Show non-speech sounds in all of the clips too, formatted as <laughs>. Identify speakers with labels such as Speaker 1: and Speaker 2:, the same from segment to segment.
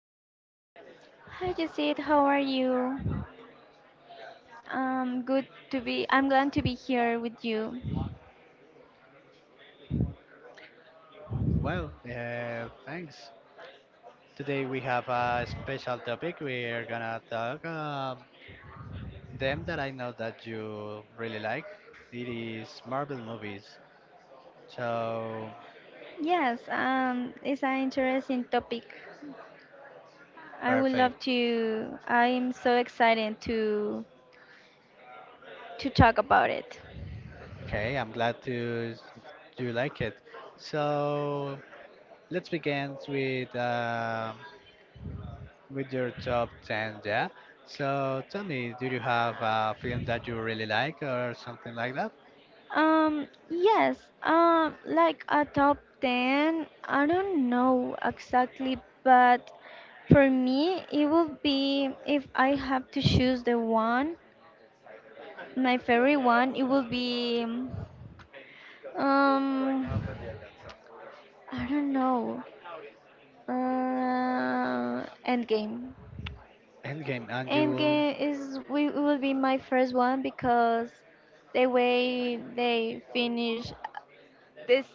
Speaker 1: how are you?
Speaker 2: Hi Jacid, how are you? Good to be. I'm glad to be here with you.
Speaker 1: Well, thanks. Today we have a special topic. We're gonna talk them that I know that you really like. It is Marvel movies. So
Speaker 2: Yes, it's an interesting topic. I would love
Speaker 1: perfect.
Speaker 2: to. I'm so excited to talk about it.
Speaker 1: Okay, I'm glad to you like it. So let's begin with your top ten, yeah. So tell me, do you have a film that you really like or something like that?
Speaker 2: Yes. Like a top ten. I don't know exactly, but for me, it would be if I have to choose the one, my favorite one. It would be. Um, I don't know. Endgame.
Speaker 1: Endgame, and you will.
Speaker 2: Endgame is we it will be my first one because the way they finish this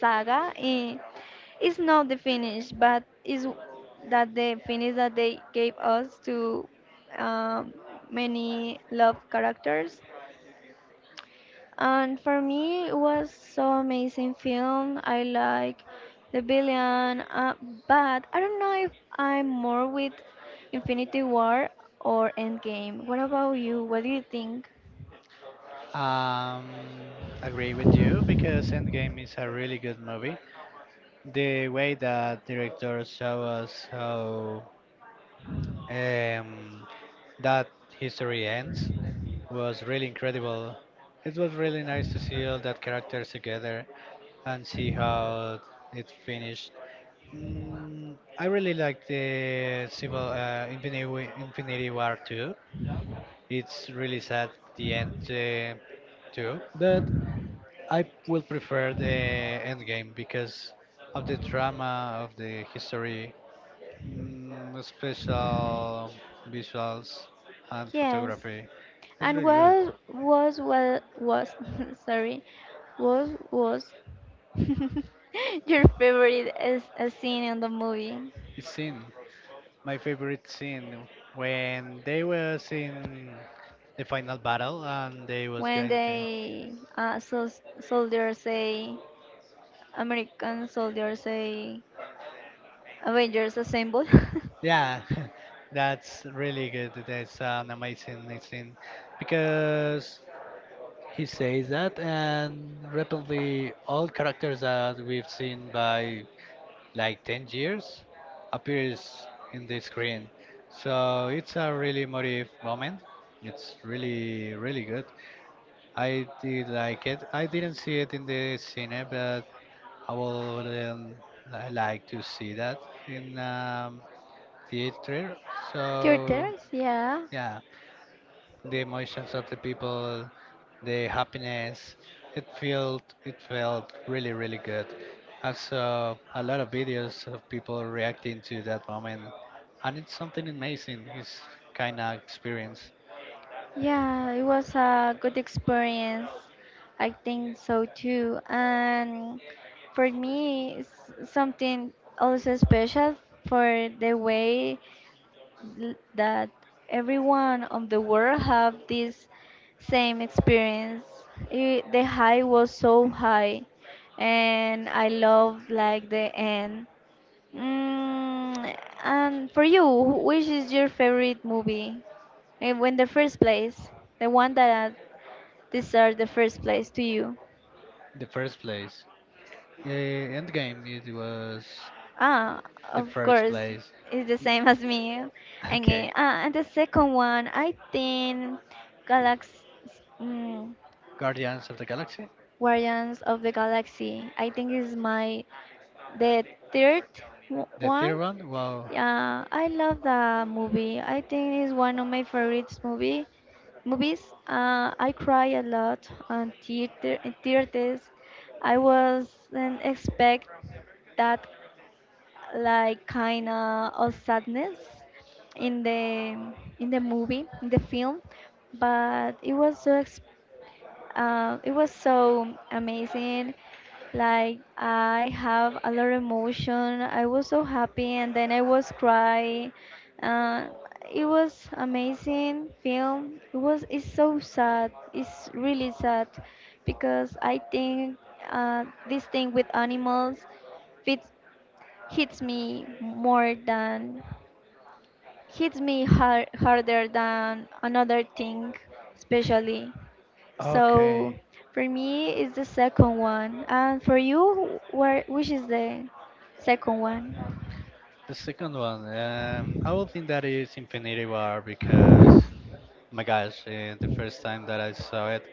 Speaker 2: saga is not the finish, but is that the finish that they gave us to um, many love characters. And for me, it was so amazing film. I like the villain, but I don't know if I'm more with Infinity War or Endgame. What about you? What do you think?
Speaker 1: Um, agree with you because Endgame is a really good movie. The way that director show us how um, that history ends was really incredible. It was really nice to see all that characters together and see how it finished. Mm, I really like the Civil Infinity War 2. It's really sad the end too, but I will prefer the Endgame because of the drama of the history, mm, special visuals and
Speaker 2: Yes.
Speaker 1: photography. It's
Speaker 2: And
Speaker 1: really good.
Speaker 2: what was <laughs> sorry, what was <laughs> your favorite is a scene in the movie
Speaker 1: It's scene, my favorite scene when they was in the final battle and they was
Speaker 2: when
Speaker 1: going to.
Speaker 2: they uh, sol- soldiers say American soldiers say Avengers Assemble.
Speaker 1: Yeah, <laughs> that's really good. That's an amazing scene because he says that, and repeatedly, all characters that we've seen by like 10 years appears in the screen. So it's a really emotive moment. It's really, really good. I did like it. I didn't see it in the cinema, but I would like to see that in theater.
Speaker 2: <laughs>
Speaker 1: So
Speaker 2: Theaters, yeah.
Speaker 1: yeah, the emotions of the people, the happiness. It felt really really good. I saw a lot of videos of people reacting to that moment, and it's something amazing. It's kind of experience.
Speaker 2: Yeah, it was a good experience. I think so too. And for me, it's something also special for the way that everyone of the world have this same experience. The high was so high, and I love like the end. Mm, and for you, which is your favorite movie? When the first place, the one that deserves the first place to you.
Speaker 1: The first place, Endgame. It was
Speaker 2: Ah,
Speaker 1: the
Speaker 2: of
Speaker 1: first
Speaker 2: course,
Speaker 1: place.
Speaker 2: it's the same
Speaker 1: <laughs>
Speaker 2: as me. And eh,
Speaker 1: Okay,
Speaker 2: ah, and the second one, I think Galax, mm,
Speaker 1: Guardians of the Galaxy.
Speaker 2: Guardians of the Galaxy. I think is my the third
Speaker 1: The
Speaker 2: one.
Speaker 1: third one. Wow.
Speaker 2: Yeah, I love the movie. I think it's one of my favorites movies. I cry a lot on theater in theaters. I wasn't expect that like kind of sadness in the movie in the film, but it was so amazing. Like I have a lot of emotion. I was so happy, and then I was crying. Uh, it was amazing film. It was. It's so sad. It's really sad because I think this thing with animals fits, hits me more than hits me hard, harder than another thing, especially. So
Speaker 1: Okay,
Speaker 2: for me, it's the second one, and for you, where which is the second one?
Speaker 1: the second one. I would think that is Infinity War because, oh my gosh, eh, the first time that I saw it,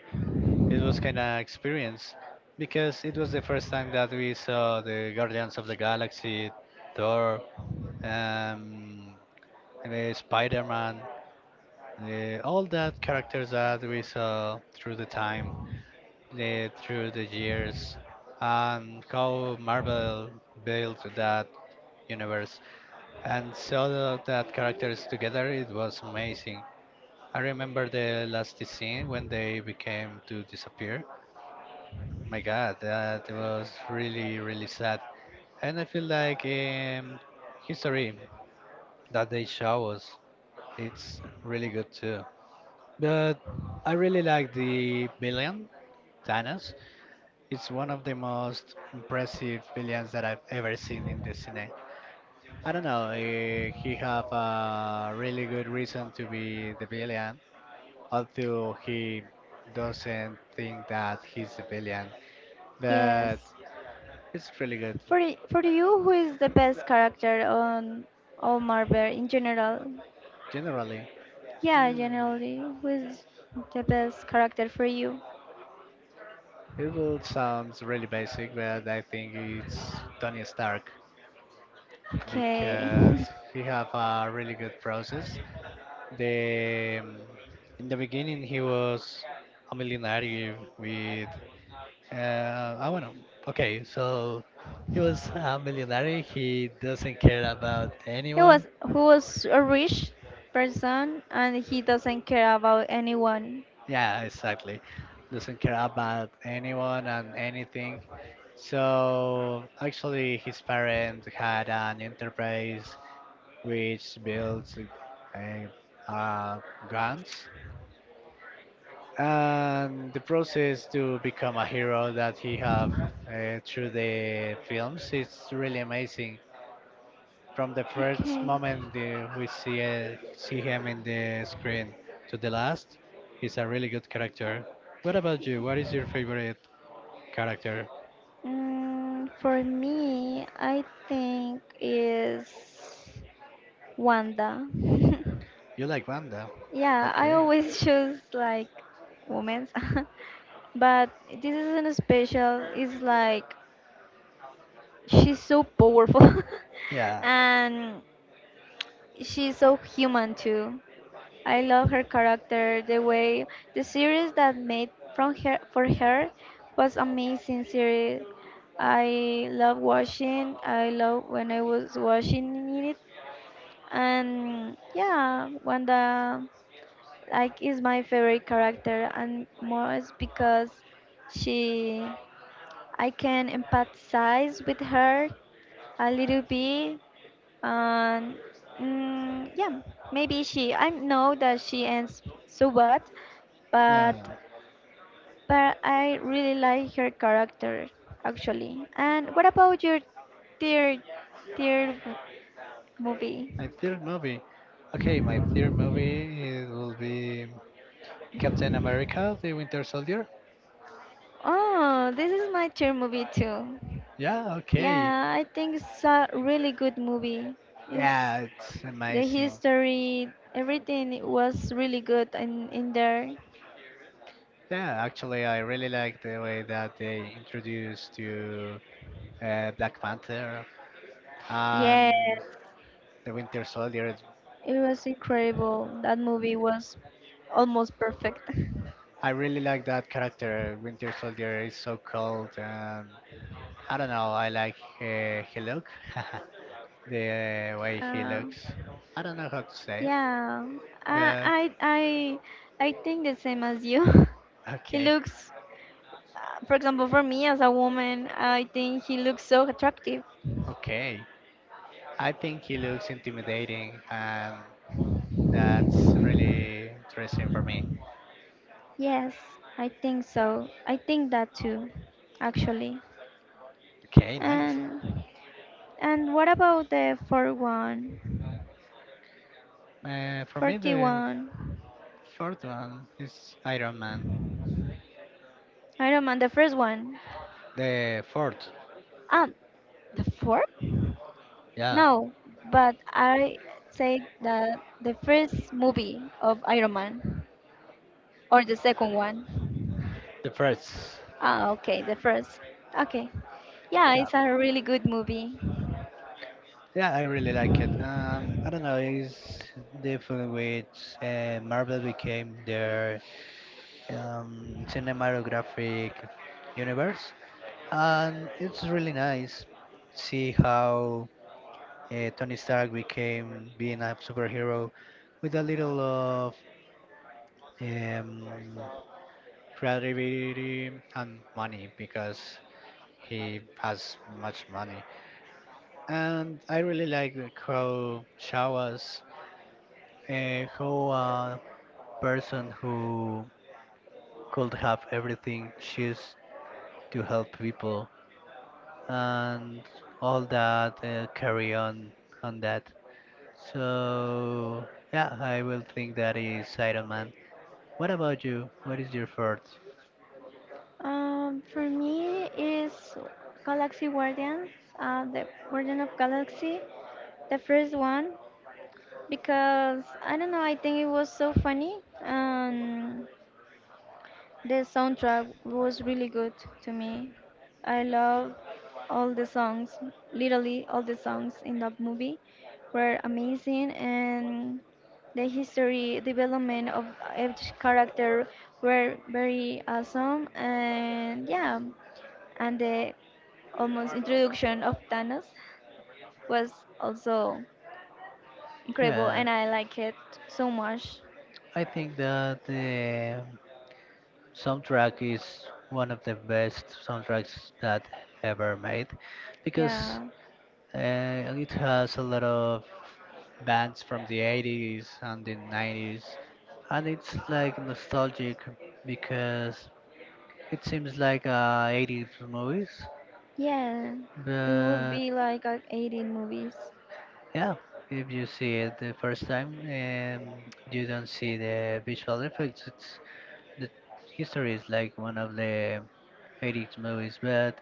Speaker 1: it was kind of experience because it was the first time that we saw the Guardians of the Galaxy, Thor, um, and, eh, Spider-Man, eh, all that characters that we saw through the time, eh, through the years and how Marvel built that universe and saw that characters together. It was amazing. I remember the last scene when they became to disappear. My God, that was really really sad. And I feel like history that they show us, it's really good too. But I really like the villain Thanos. It's one of the most impressive villains that I've ever seen in the cine. I don't know, eh, he have a really good reason to be the villain, although he doesn't think that he's the villain. But
Speaker 2: Yes.
Speaker 1: it's really good.
Speaker 2: For you, who is the best character on all Marvel in general?
Speaker 1: Generally,
Speaker 2: Yeah, generally, who is the best character for you?
Speaker 1: it will sounds really basic, but I think it's Tony Stark
Speaker 2: Okay. <laughs>
Speaker 1: because he have a really good process. The mm, in the beginning, he was a millionaire with, I don't know. Okay, so he was a millionaire. He doesn't care about
Speaker 2: He
Speaker 1: anyone.
Speaker 2: was who was a rich person and he doesn't care about anyone.
Speaker 1: Yeah, exactly. Doesn't care about anyone and anything. So actually, his parents had an enterprise which builds uh, uh, guns, and the process to become a hero that he have through the films it's really amazing, from the first
Speaker 2: Okay.
Speaker 1: moment we see see him in the screen to the last. He's a really good character. What about you? What is your favorite character?
Speaker 2: For me, I think is Wanda.
Speaker 1: You like Wanda.
Speaker 2: <laughs> Yeah, I
Speaker 1: Okay,
Speaker 2: always <laughs> choose like women's, <laughs> but this isn't a special. It's like she's so powerful, <laughs>
Speaker 1: yeah,
Speaker 2: and she's so human too. I love her character, the way the series that made from her for her was amazing series. I love watching. I love when I was watching it, and yeah, Wanda like is my favorite character, and more is because she I can empathize with her a little bit and mm, yeah, maybe she. I know that she ends so bad, but
Speaker 1: yeah.
Speaker 2: but I really like her character actually. And what about your tear tear movie?
Speaker 1: My third movie. Okay, my third movie, it will be Captain America the Winter Soldier.
Speaker 2: Oh, this is my tear movie too.
Speaker 1: Yeah, okay.
Speaker 2: Yeah, I think it's a really good movie. It's
Speaker 1: Yeah, it's
Speaker 2: the
Speaker 1: amazing.
Speaker 2: history, everything was really good in there.
Speaker 1: Yeah, actually, I really like the way that they introduced to Black Panther
Speaker 2: Yes.
Speaker 1: and the Winter Soldier.
Speaker 2: It was incredible. That movie was almost perfect. <laughs>
Speaker 1: I really like that character. Winter Soldier is so cold, and I don't know. I like he look, <laughs> the way he
Speaker 2: Uh,
Speaker 1: looks. I don't know how to say it,
Speaker 2: yeah, I,
Speaker 1: but
Speaker 2: I, I, I think the same as you. <laughs> he
Speaker 1: <laughs> okay,
Speaker 2: looks, for example, for me as a woman, I think he looks so attractive.
Speaker 1: okay. I think he looks intimidating, and that's really interesting for me.
Speaker 2: Yes, I think so. I think that too, actually.
Speaker 1: Okay, nice.
Speaker 2: And and what about the fourth one?
Speaker 1: For me, the
Speaker 2: 41.
Speaker 1: fourth one is Iron Man.
Speaker 2: I don't mind the first one.
Speaker 1: The fourth,
Speaker 2: Ah, the fourth?
Speaker 1: yeah.
Speaker 2: No, but I say that the first movie of Iron Man or the second one.
Speaker 1: The first.
Speaker 2: Ah, okay, the first. Okay. Yeah,
Speaker 1: Yeah,
Speaker 2: it's a really good movie.
Speaker 1: yeah. I really like it. I don't know. It's the film which Marvel became their cinematographic universe, and it's really nice. See how Tony Stark became being a superhero with a little of um, creativity and money because he has much money. And I really like how Chawas, how a person who could have everything choose to help people and all that carry on that. So yeah, I will think that is Iron Man. What about you? What is your thoughts?
Speaker 2: For me is Galaxy Guardians, the Guardian of Galaxy, the first one, because I don't know, I think it was so funny. Um, The soundtrack was really good to me. I love all the songs. Literally, all the songs in that movie were amazing, and the history development of each character were very awesome. And yeah, and the almost introduction of Thanos was also incredible,
Speaker 1: Yeah,
Speaker 2: and I like it so much.
Speaker 1: I think that. Soundtrack is one of the best soundtracks that ever made because
Speaker 2: Yeah,
Speaker 1: uh, it has a lot of bands from the 80s and the 90s, and it's like nostalgic because it seems like 80s movies.
Speaker 2: yeah, it would
Speaker 1: But
Speaker 2: be like a 18 movies.
Speaker 1: yeah, if you see it the first time, you don't see the visual effects. It's the history is like one of the 80s movies, but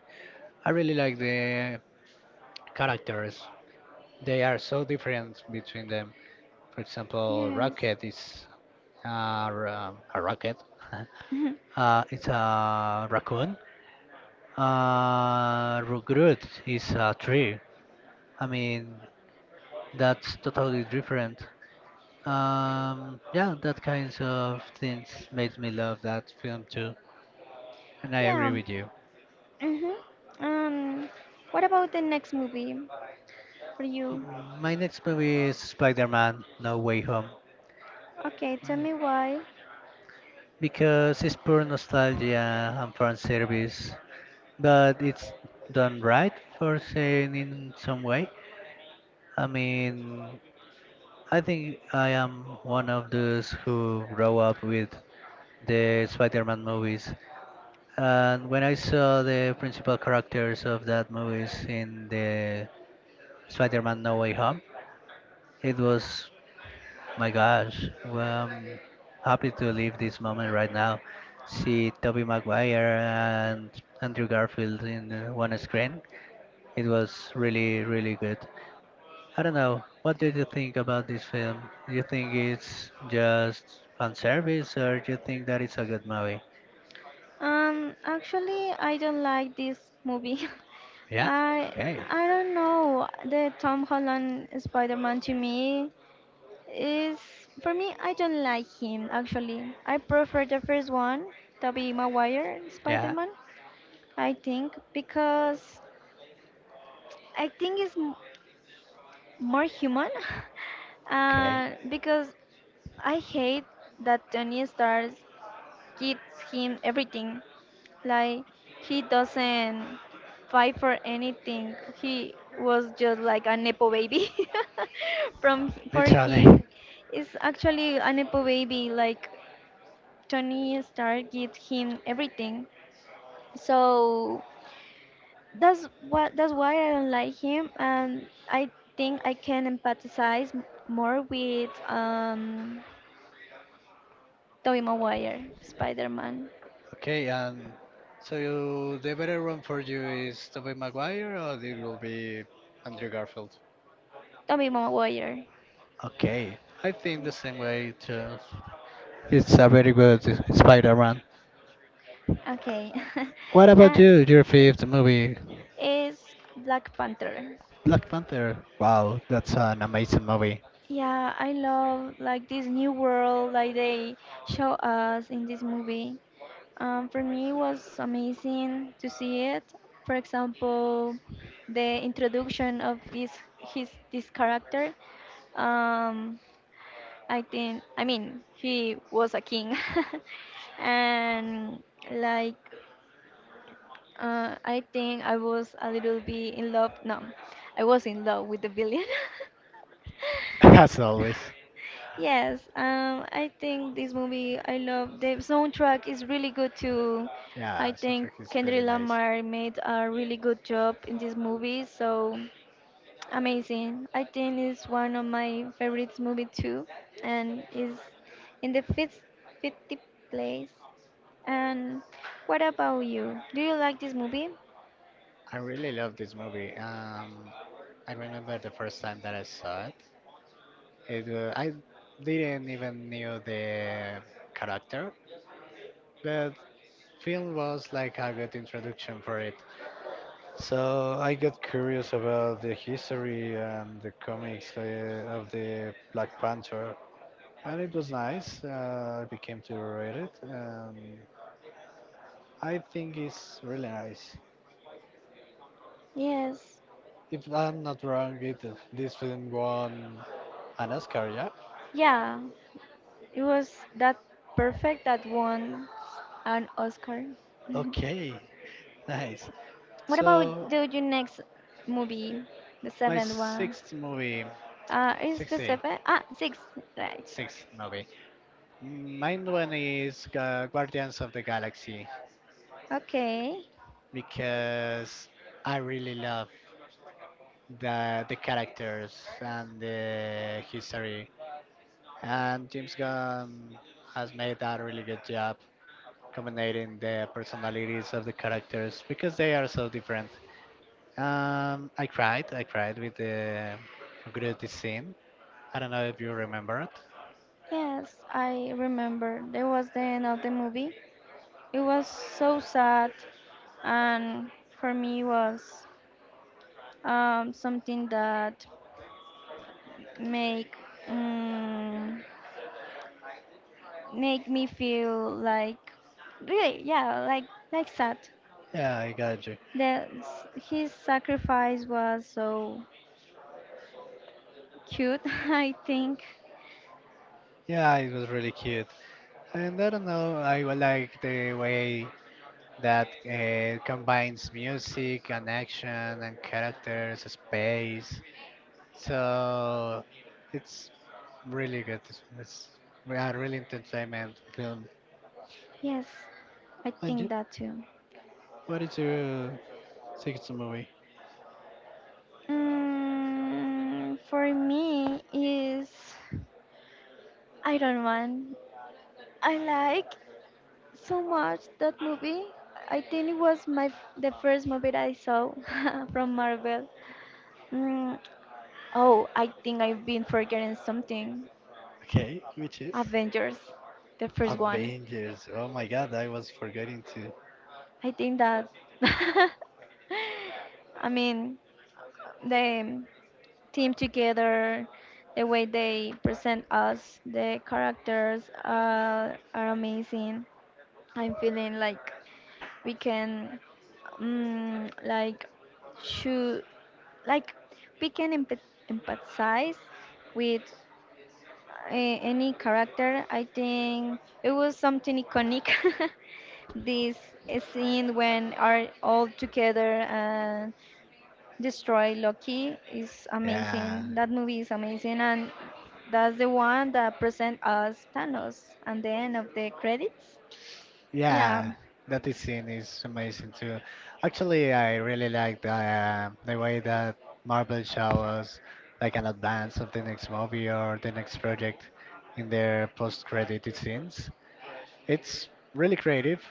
Speaker 1: I really like the characters. They are so different between them. For example,
Speaker 2: Yes.
Speaker 1: Rocket is a rocket.
Speaker 2: <laughs>
Speaker 1: <laughs> It's a raccoon. Groot is a tree. I mean, that's totally different. Yeah, that kinds of things made me love that film too. And I agree
Speaker 2: Yeah.
Speaker 1: with you.
Speaker 2: Mhm. Um, what about the next movie for you?
Speaker 1: M- My next movie is Spider-Man: No Way Home,
Speaker 2: Okay, tell me why.
Speaker 1: because it's pure nostalgia and fan service, but it's done right for saying in some way. I mean, I think I am one of those who grow up with the Spider-Man movies, and when I saw the principal characters of that movies in the Spider-Man No Way Home, it was, my gosh, well, I'm happy to live this moment right now. See Tobey Maguire and Andrew Garfield in one screen. It was really, really good. I don't know. What did you think about this film? Do you think it's just fan service, or do you think that it's a good movie?
Speaker 2: Actually, I don't like this movie. <laughs>
Speaker 1: Yeah.
Speaker 2: I
Speaker 1: Okay.
Speaker 2: I don't know. The Tom Holland Spider-Man to me is for me I don't like him actually. I prefer the first one, Tobey Maguire
Speaker 1: Yeah.
Speaker 2: Spider-Man, I think because I think it's more human. <laughs>
Speaker 1: Okay.
Speaker 2: Because I hate that Tony Stark gives him everything. Like he doesn't fight for anything. He was just like a nepo baby <laughs> from for
Speaker 1: Literally.
Speaker 2: him.
Speaker 1: <laughs>
Speaker 2: It's actually a nepo baby. Like Tony Stark gives him everything. So that's why I don't like him, and I think I can empathize more with Tobey Maguire, Spider-Man,
Speaker 1: Okay. So you, the better one for you is Tobey Maguire or it will be Andrew Garfield?
Speaker 2: Tobey Maguire.
Speaker 1: Okay, I think the same way too. It's a very good Spider-Man.
Speaker 2: Okay,
Speaker 1: What
Speaker 2: <laughs>
Speaker 1: about
Speaker 2: and
Speaker 1: you? Your fifth movie,
Speaker 2: it's Black Panther.
Speaker 1: Black Panther. Wow, that's an amazing movie,
Speaker 2: Yeah, I love like this new world like they show us in this movie. For me, it was amazing to see it. For example, the introduction of this character. Um, I think I mean he was a king, <laughs> and like I think I was a little bit in love. No, I was in love with the villain. <laughs>
Speaker 1: <laughs> as always.
Speaker 2: Yes, I think this movie I love. The soundtrack is really good too.
Speaker 1: Yeah,
Speaker 2: I think
Speaker 1: soundtrack is really
Speaker 2: Kendrick
Speaker 1: nice.
Speaker 2: Lamar made a really good job in this movie, so amazing. I think it's one of my favorite movie too, and is in the fifth, 50 place. And what about you? Do you like this movie?
Speaker 1: I really love this movie. I remember the first time that I saw it. I didn't even knew the character, but film was like a good introduction for it. So I got curious about the history and the comics of the Black Panther, and it was nice. I became to read it, and I think it's really nice.
Speaker 2: Yes.
Speaker 1: If I'm not wrong, it this film won an Oscar, yeah?
Speaker 2: Yeah, it was that perfect that won an Oscar. <laughs>
Speaker 1: Okay, <laughs> nice.
Speaker 2: What about
Speaker 1: So
Speaker 2: do your next movie, the
Speaker 1: my
Speaker 2: seventh one?
Speaker 1: sixth movie,
Speaker 2: Is the
Speaker 1: sixty
Speaker 2: seventh? Ah, six, right?
Speaker 1: sixth movie. Mine one is Guardians of the Galaxy,
Speaker 2: Okay.
Speaker 1: because I really love the characters and the history. And James Gunn has made a really good job combining the personalities of the characters because they are so different. I cried with the Groot scene. I don't know if you remember it.
Speaker 2: Yes, I remember. There was the end of the movie. It was so sad, and for me was something that make um, make me feel like really yeah like sad.
Speaker 1: Yeah, I got you.
Speaker 2: That his sacrifice was so cute, <laughs> I think.
Speaker 1: Yeah, it was really cute. And I don't know, like the way that combines music and action and characters, space. So it's really good. It's a really entertainment film.
Speaker 2: Yes, I
Speaker 1: And you,
Speaker 2: think that too.
Speaker 1: what is your second movie?
Speaker 2: For me is Iron Man. I like so much that movie. I think it was the first movie that I saw <laughs> from Marvel. Mm, oh, I think I've been forgetting something.
Speaker 1: Okay, which is
Speaker 2: Avengers, the first one.
Speaker 1: Avengers. Oh my God, I was forgetting to.
Speaker 2: I think that. <laughs> I mean, the team together, the way they present us, the characters are amazing. I'm feeling like we can, like, shoot, like, we can empathize with any character. I think it was something iconic. <laughs> This scene when are all together and. Destroy Loki is
Speaker 1: Yeah.
Speaker 2: amazing. That movie is amazing, and that's the one that present us Thanos at the end of the credits. Yeah,
Speaker 1: Yeah, that is scene is amazing too. Actually, I really like the way that Marvel shows like an advance of the next movie or the next project in their post-credit scenes. It's really creative.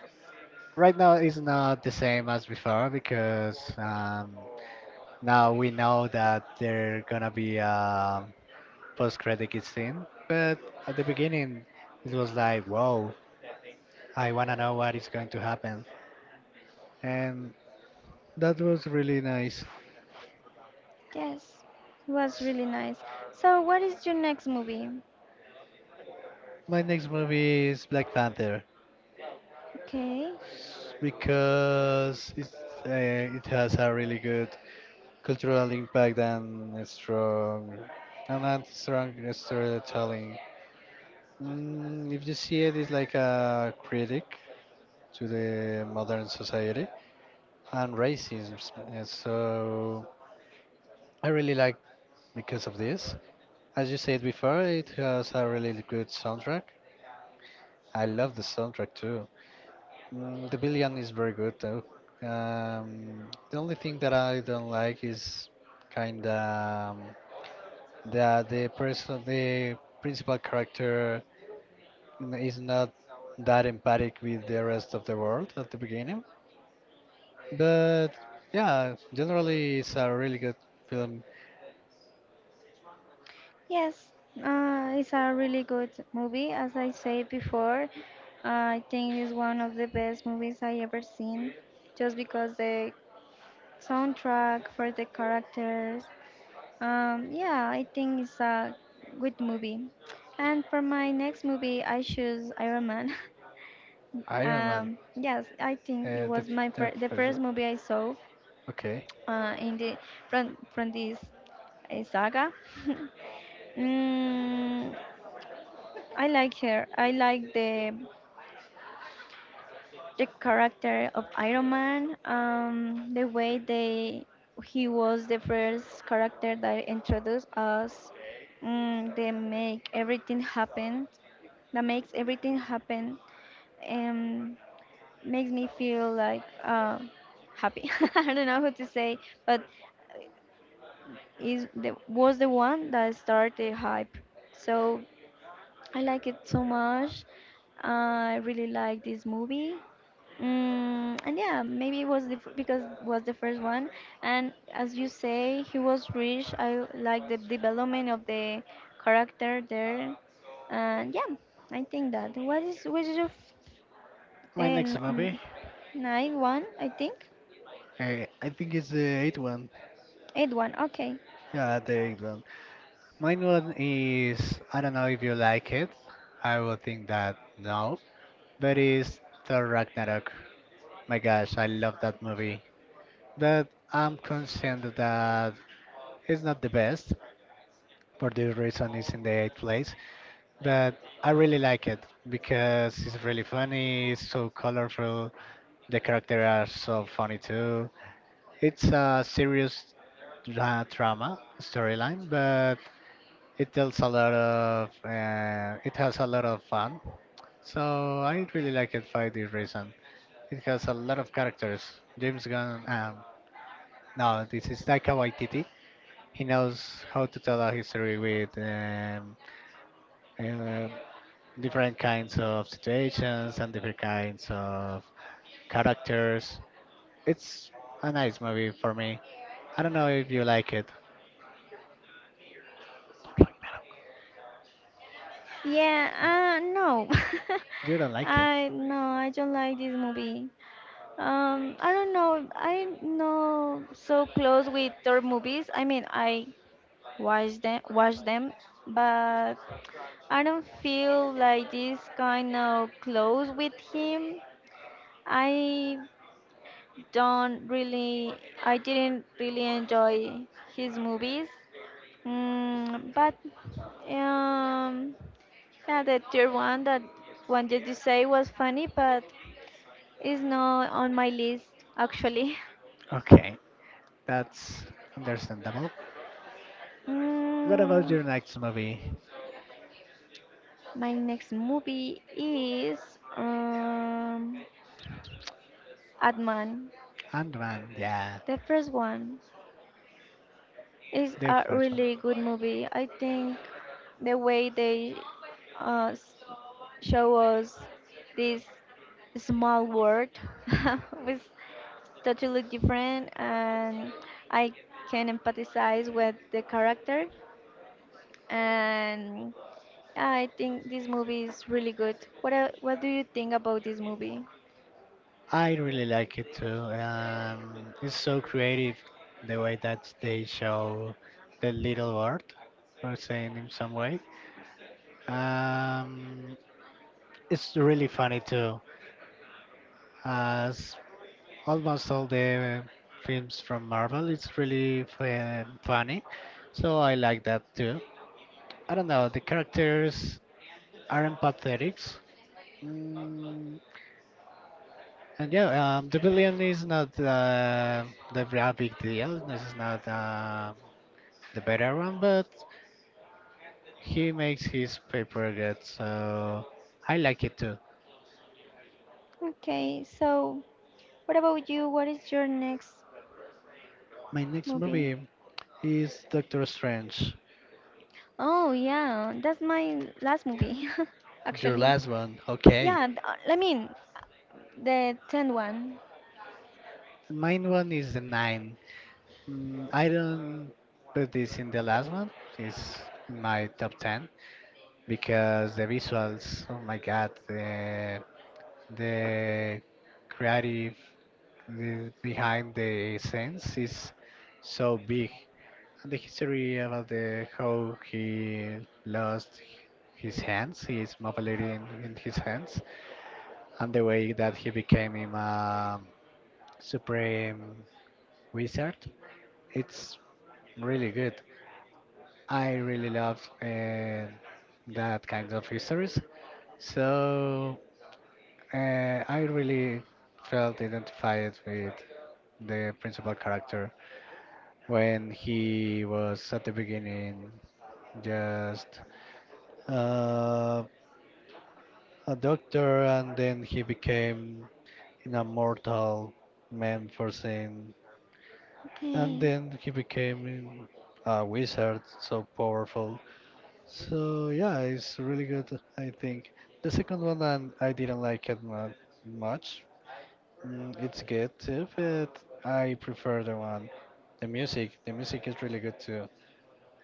Speaker 1: Right now, it's not the same as before because now we know that there gonna be a post-credit scene. But at the beginning, it was like, whoa, I wanna know what is going to happen. And that was really nice.
Speaker 2: yes, it was really nice. So, what is your next movie?
Speaker 1: My next movie is Black Panther
Speaker 2: Okay,
Speaker 1: because it's, it has a really good cultural impact and a strong storytelling. Mm, if you see it, it's like a critic to the modern society and racism. So I really like because of this. As you said before, it has a really good soundtrack. I love the soundtrack too. Mm, the billion is very good though. The only thing that I don't like is kind of that the person, the principal character, is not that empathic with the rest of the world at the beginning. But yeah, generally it's a really good film.
Speaker 2: yes, it's a really good movie. As I said before, I think it's one of the best movies I ever seen, just because the soundtrack for the characters. Yeah, I think it's a good movie. And for my next movie, I choose Iron Man. <laughs>
Speaker 1: Iron Man,
Speaker 2: Yes, I think it
Speaker 1: the
Speaker 2: was
Speaker 1: the
Speaker 2: the
Speaker 1: first
Speaker 2: first
Speaker 1: one.
Speaker 2: movie I saw
Speaker 1: Okay,
Speaker 2: in the from this saga. <laughs> mm, I like her. I like the character of Iron Man, the way they he was the first character that introduced us. They make everything happen. That makes everything happen, and makes me feel like happy. <laughs> I don't know what to say, but is the was the one that started the hype. So I like it so much. I really like this movie. And yeah, maybe it was because it was the first one, and as you say, he was rich. I like the development of the character there, and yeah, I think that. What is your
Speaker 1: my next
Speaker 2: and
Speaker 1: movie,
Speaker 2: nine one? I think
Speaker 1: I think it's the eighth one.
Speaker 2: eight one. Okay.
Speaker 1: Yeah, the eighth one. Mine one is, I don't know if you like it. I would think that no, but it's Thor Ragnarok. My gosh, I love that movie. But I'm concerned that it's not the best. For this reason, it's in the eighth place. But I really like it because it's really funny. It's so colorful. The characters are so funny too. It's a serious drama storyline, but it tells a lot of, it has a lot of fun. So I really like it for this reason. It has a lot of characters. James Gunn, no, this is Taika Waititi. He knows how to tell a history with um different kinds of situations and different kinds of characters. It's a nice movie for me. I don't know if you like it.
Speaker 2: Yeah. No.
Speaker 1: You don't
Speaker 2: <laughs>
Speaker 1: like it.
Speaker 2: I no. I don't like this movie. I don't know. I'm not so close with their movies. I mean, I watch them, but I don't feel like this kind of close with him. I don't really, I didn't really enjoy his movies. But um, yeah, the third one that wanted to say was funny, but it's not on my list actually. <laughs>
Speaker 1: Okay. That's understandable. What about
Speaker 2: Mm,
Speaker 1: your next movie?
Speaker 2: my next movie is um, Atman.
Speaker 1: Ant-Man, yeah,
Speaker 2: The first one is
Speaker 1: the
Speaker 2: a
Speaker 1: first one.
Speaker 2: really good movie. I think the way they uh, s- show us this small world <laughs> was totally different, and I can empathize with the character and I think this movie is really good. What do you think about this movie?
Speaker 1: I really like it too. It's so creative the way that they show the little world, or saying in some way. Um, it's really funny too, as almost all the films from Marvel. It's really funny, so I like that too. I don't know, the characters aren't pathetic. Mm, and yeah, the villain is not the real big deal. This is not the better one, but he makes his paper good, so I like it too.
Speaker 2: Okay, so what about you? What is your next
Speaker 1: My next
Speaker 2: movie?
Speaker 1: movie is Doctor Strange.
Speaker 2: Oh yeah, that's my last movie, <laughs>
Speaker 1: Your
Speaker 2: actually.
Speaker 1: last one, okay.
Speaker 2: Yeah, I mean the tenth one.
Speaker 1: Mine one is the nine. Mm, I don't put this in the last one. It's in my top 10 because the visuals, oh my god, the creative the behind the scenes is so big. And the history about the how he lost his hands, his mobility in his hands, and the way that he became him a supreme wizard. It's really good. I really love that kind of histories. So I really felt identified with the principal character when he was at the beginning just uh, a doctor, and then he became an immortal man for sin and
Speaker 2: Okay,
Speaker 1: then he became a wizard so powerful. So yeah, it's really good. I think the second one, and I didn't like it much. Mm, it's good too, but I prefer the one. The music is really good too.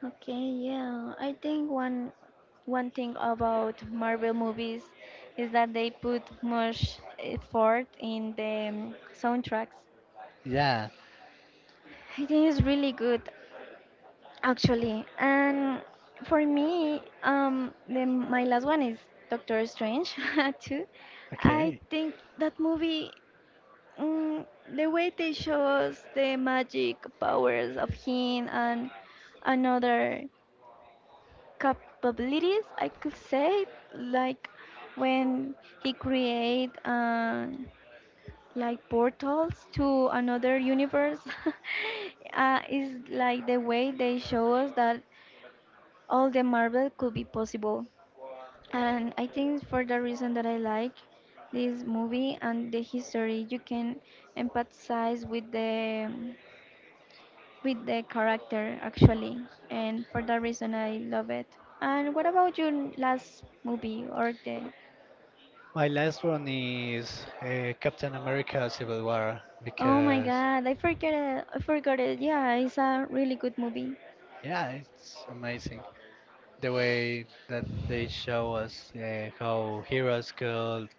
Speaker 2: okay, yeah. I think one thing about Marvel movies is that they put much effort in the soundtracks.
Speaker 1: Yeah,
Speaker 2: I think it is really good, actually. And for me, my last one is Doctor Strange, <laughs> too. I
Speaker 1: okay.
Speaker 2: think that movie, mm, the way they show us the magic powers of him and another capabilities, I could say, like when he create like portals to another universe. <laughs> Is like the way they show us that all the Marvel could be possible. And I think for the reason that I like this movie and the history, you can empathize with the character actually, and for that reason I love it. And what about your last movie or the?
Speaker 1: My last one is Captain America Civil War,
Speaker 2: Oh my
Speaker 1: because
Speaker 2: God, I forget it. I forgot it. Yeah, it's a really good movie.
Speaker 1: yeah, it's amazing the way that they show us how heroes could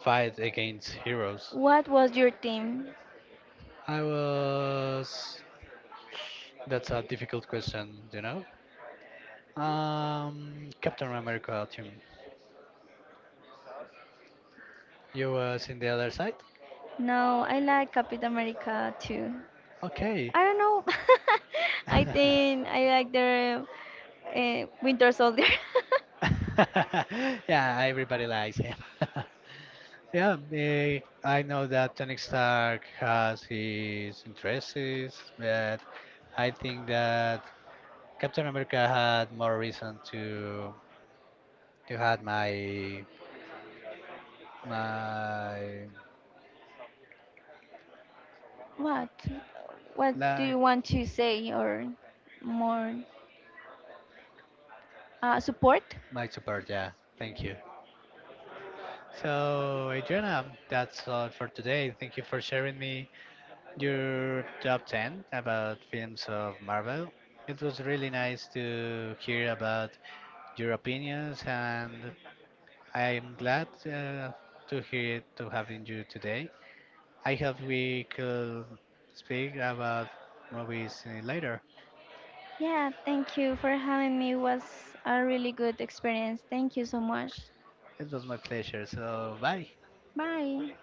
Speaker 1: fight against heroes.
Speaker 2: What was your team?
Speaker 1: I was. That's a difficult question, you know? Captain America team. You was in the other side?
Speaker 2: No, I like Captain America too.
Speaker 1: Okay.
Speaker 2: I don't know. <laughs> I
Speaker 1: <laughs>
Speaker 2: think I like the Winter Soldier. <laughs>
Speaker 1: Yeah, everybody likes him. <laughs> Yeah, eh, I know that Tony Stark has his interests, but I think that Captain America had more reason to have my
Speaker 2: What? What do
Speaker 1: like
Speaker 2: you want to say or more support?
Speaker 1: my support, yeah. Thank you. So Adriana, that's all for today. Thank you for sharing me your top ten about films of Marvel. It was really nice to hear about your opinions, and I'm glad to hear to having you today. I hope we could speak about movies later.
Speaker 2: Yeah, thank you for having me. It was a really good experience. Thank you so much.
Speaker 1: It was my pleasure. So bye.
Speaker 2: Bye.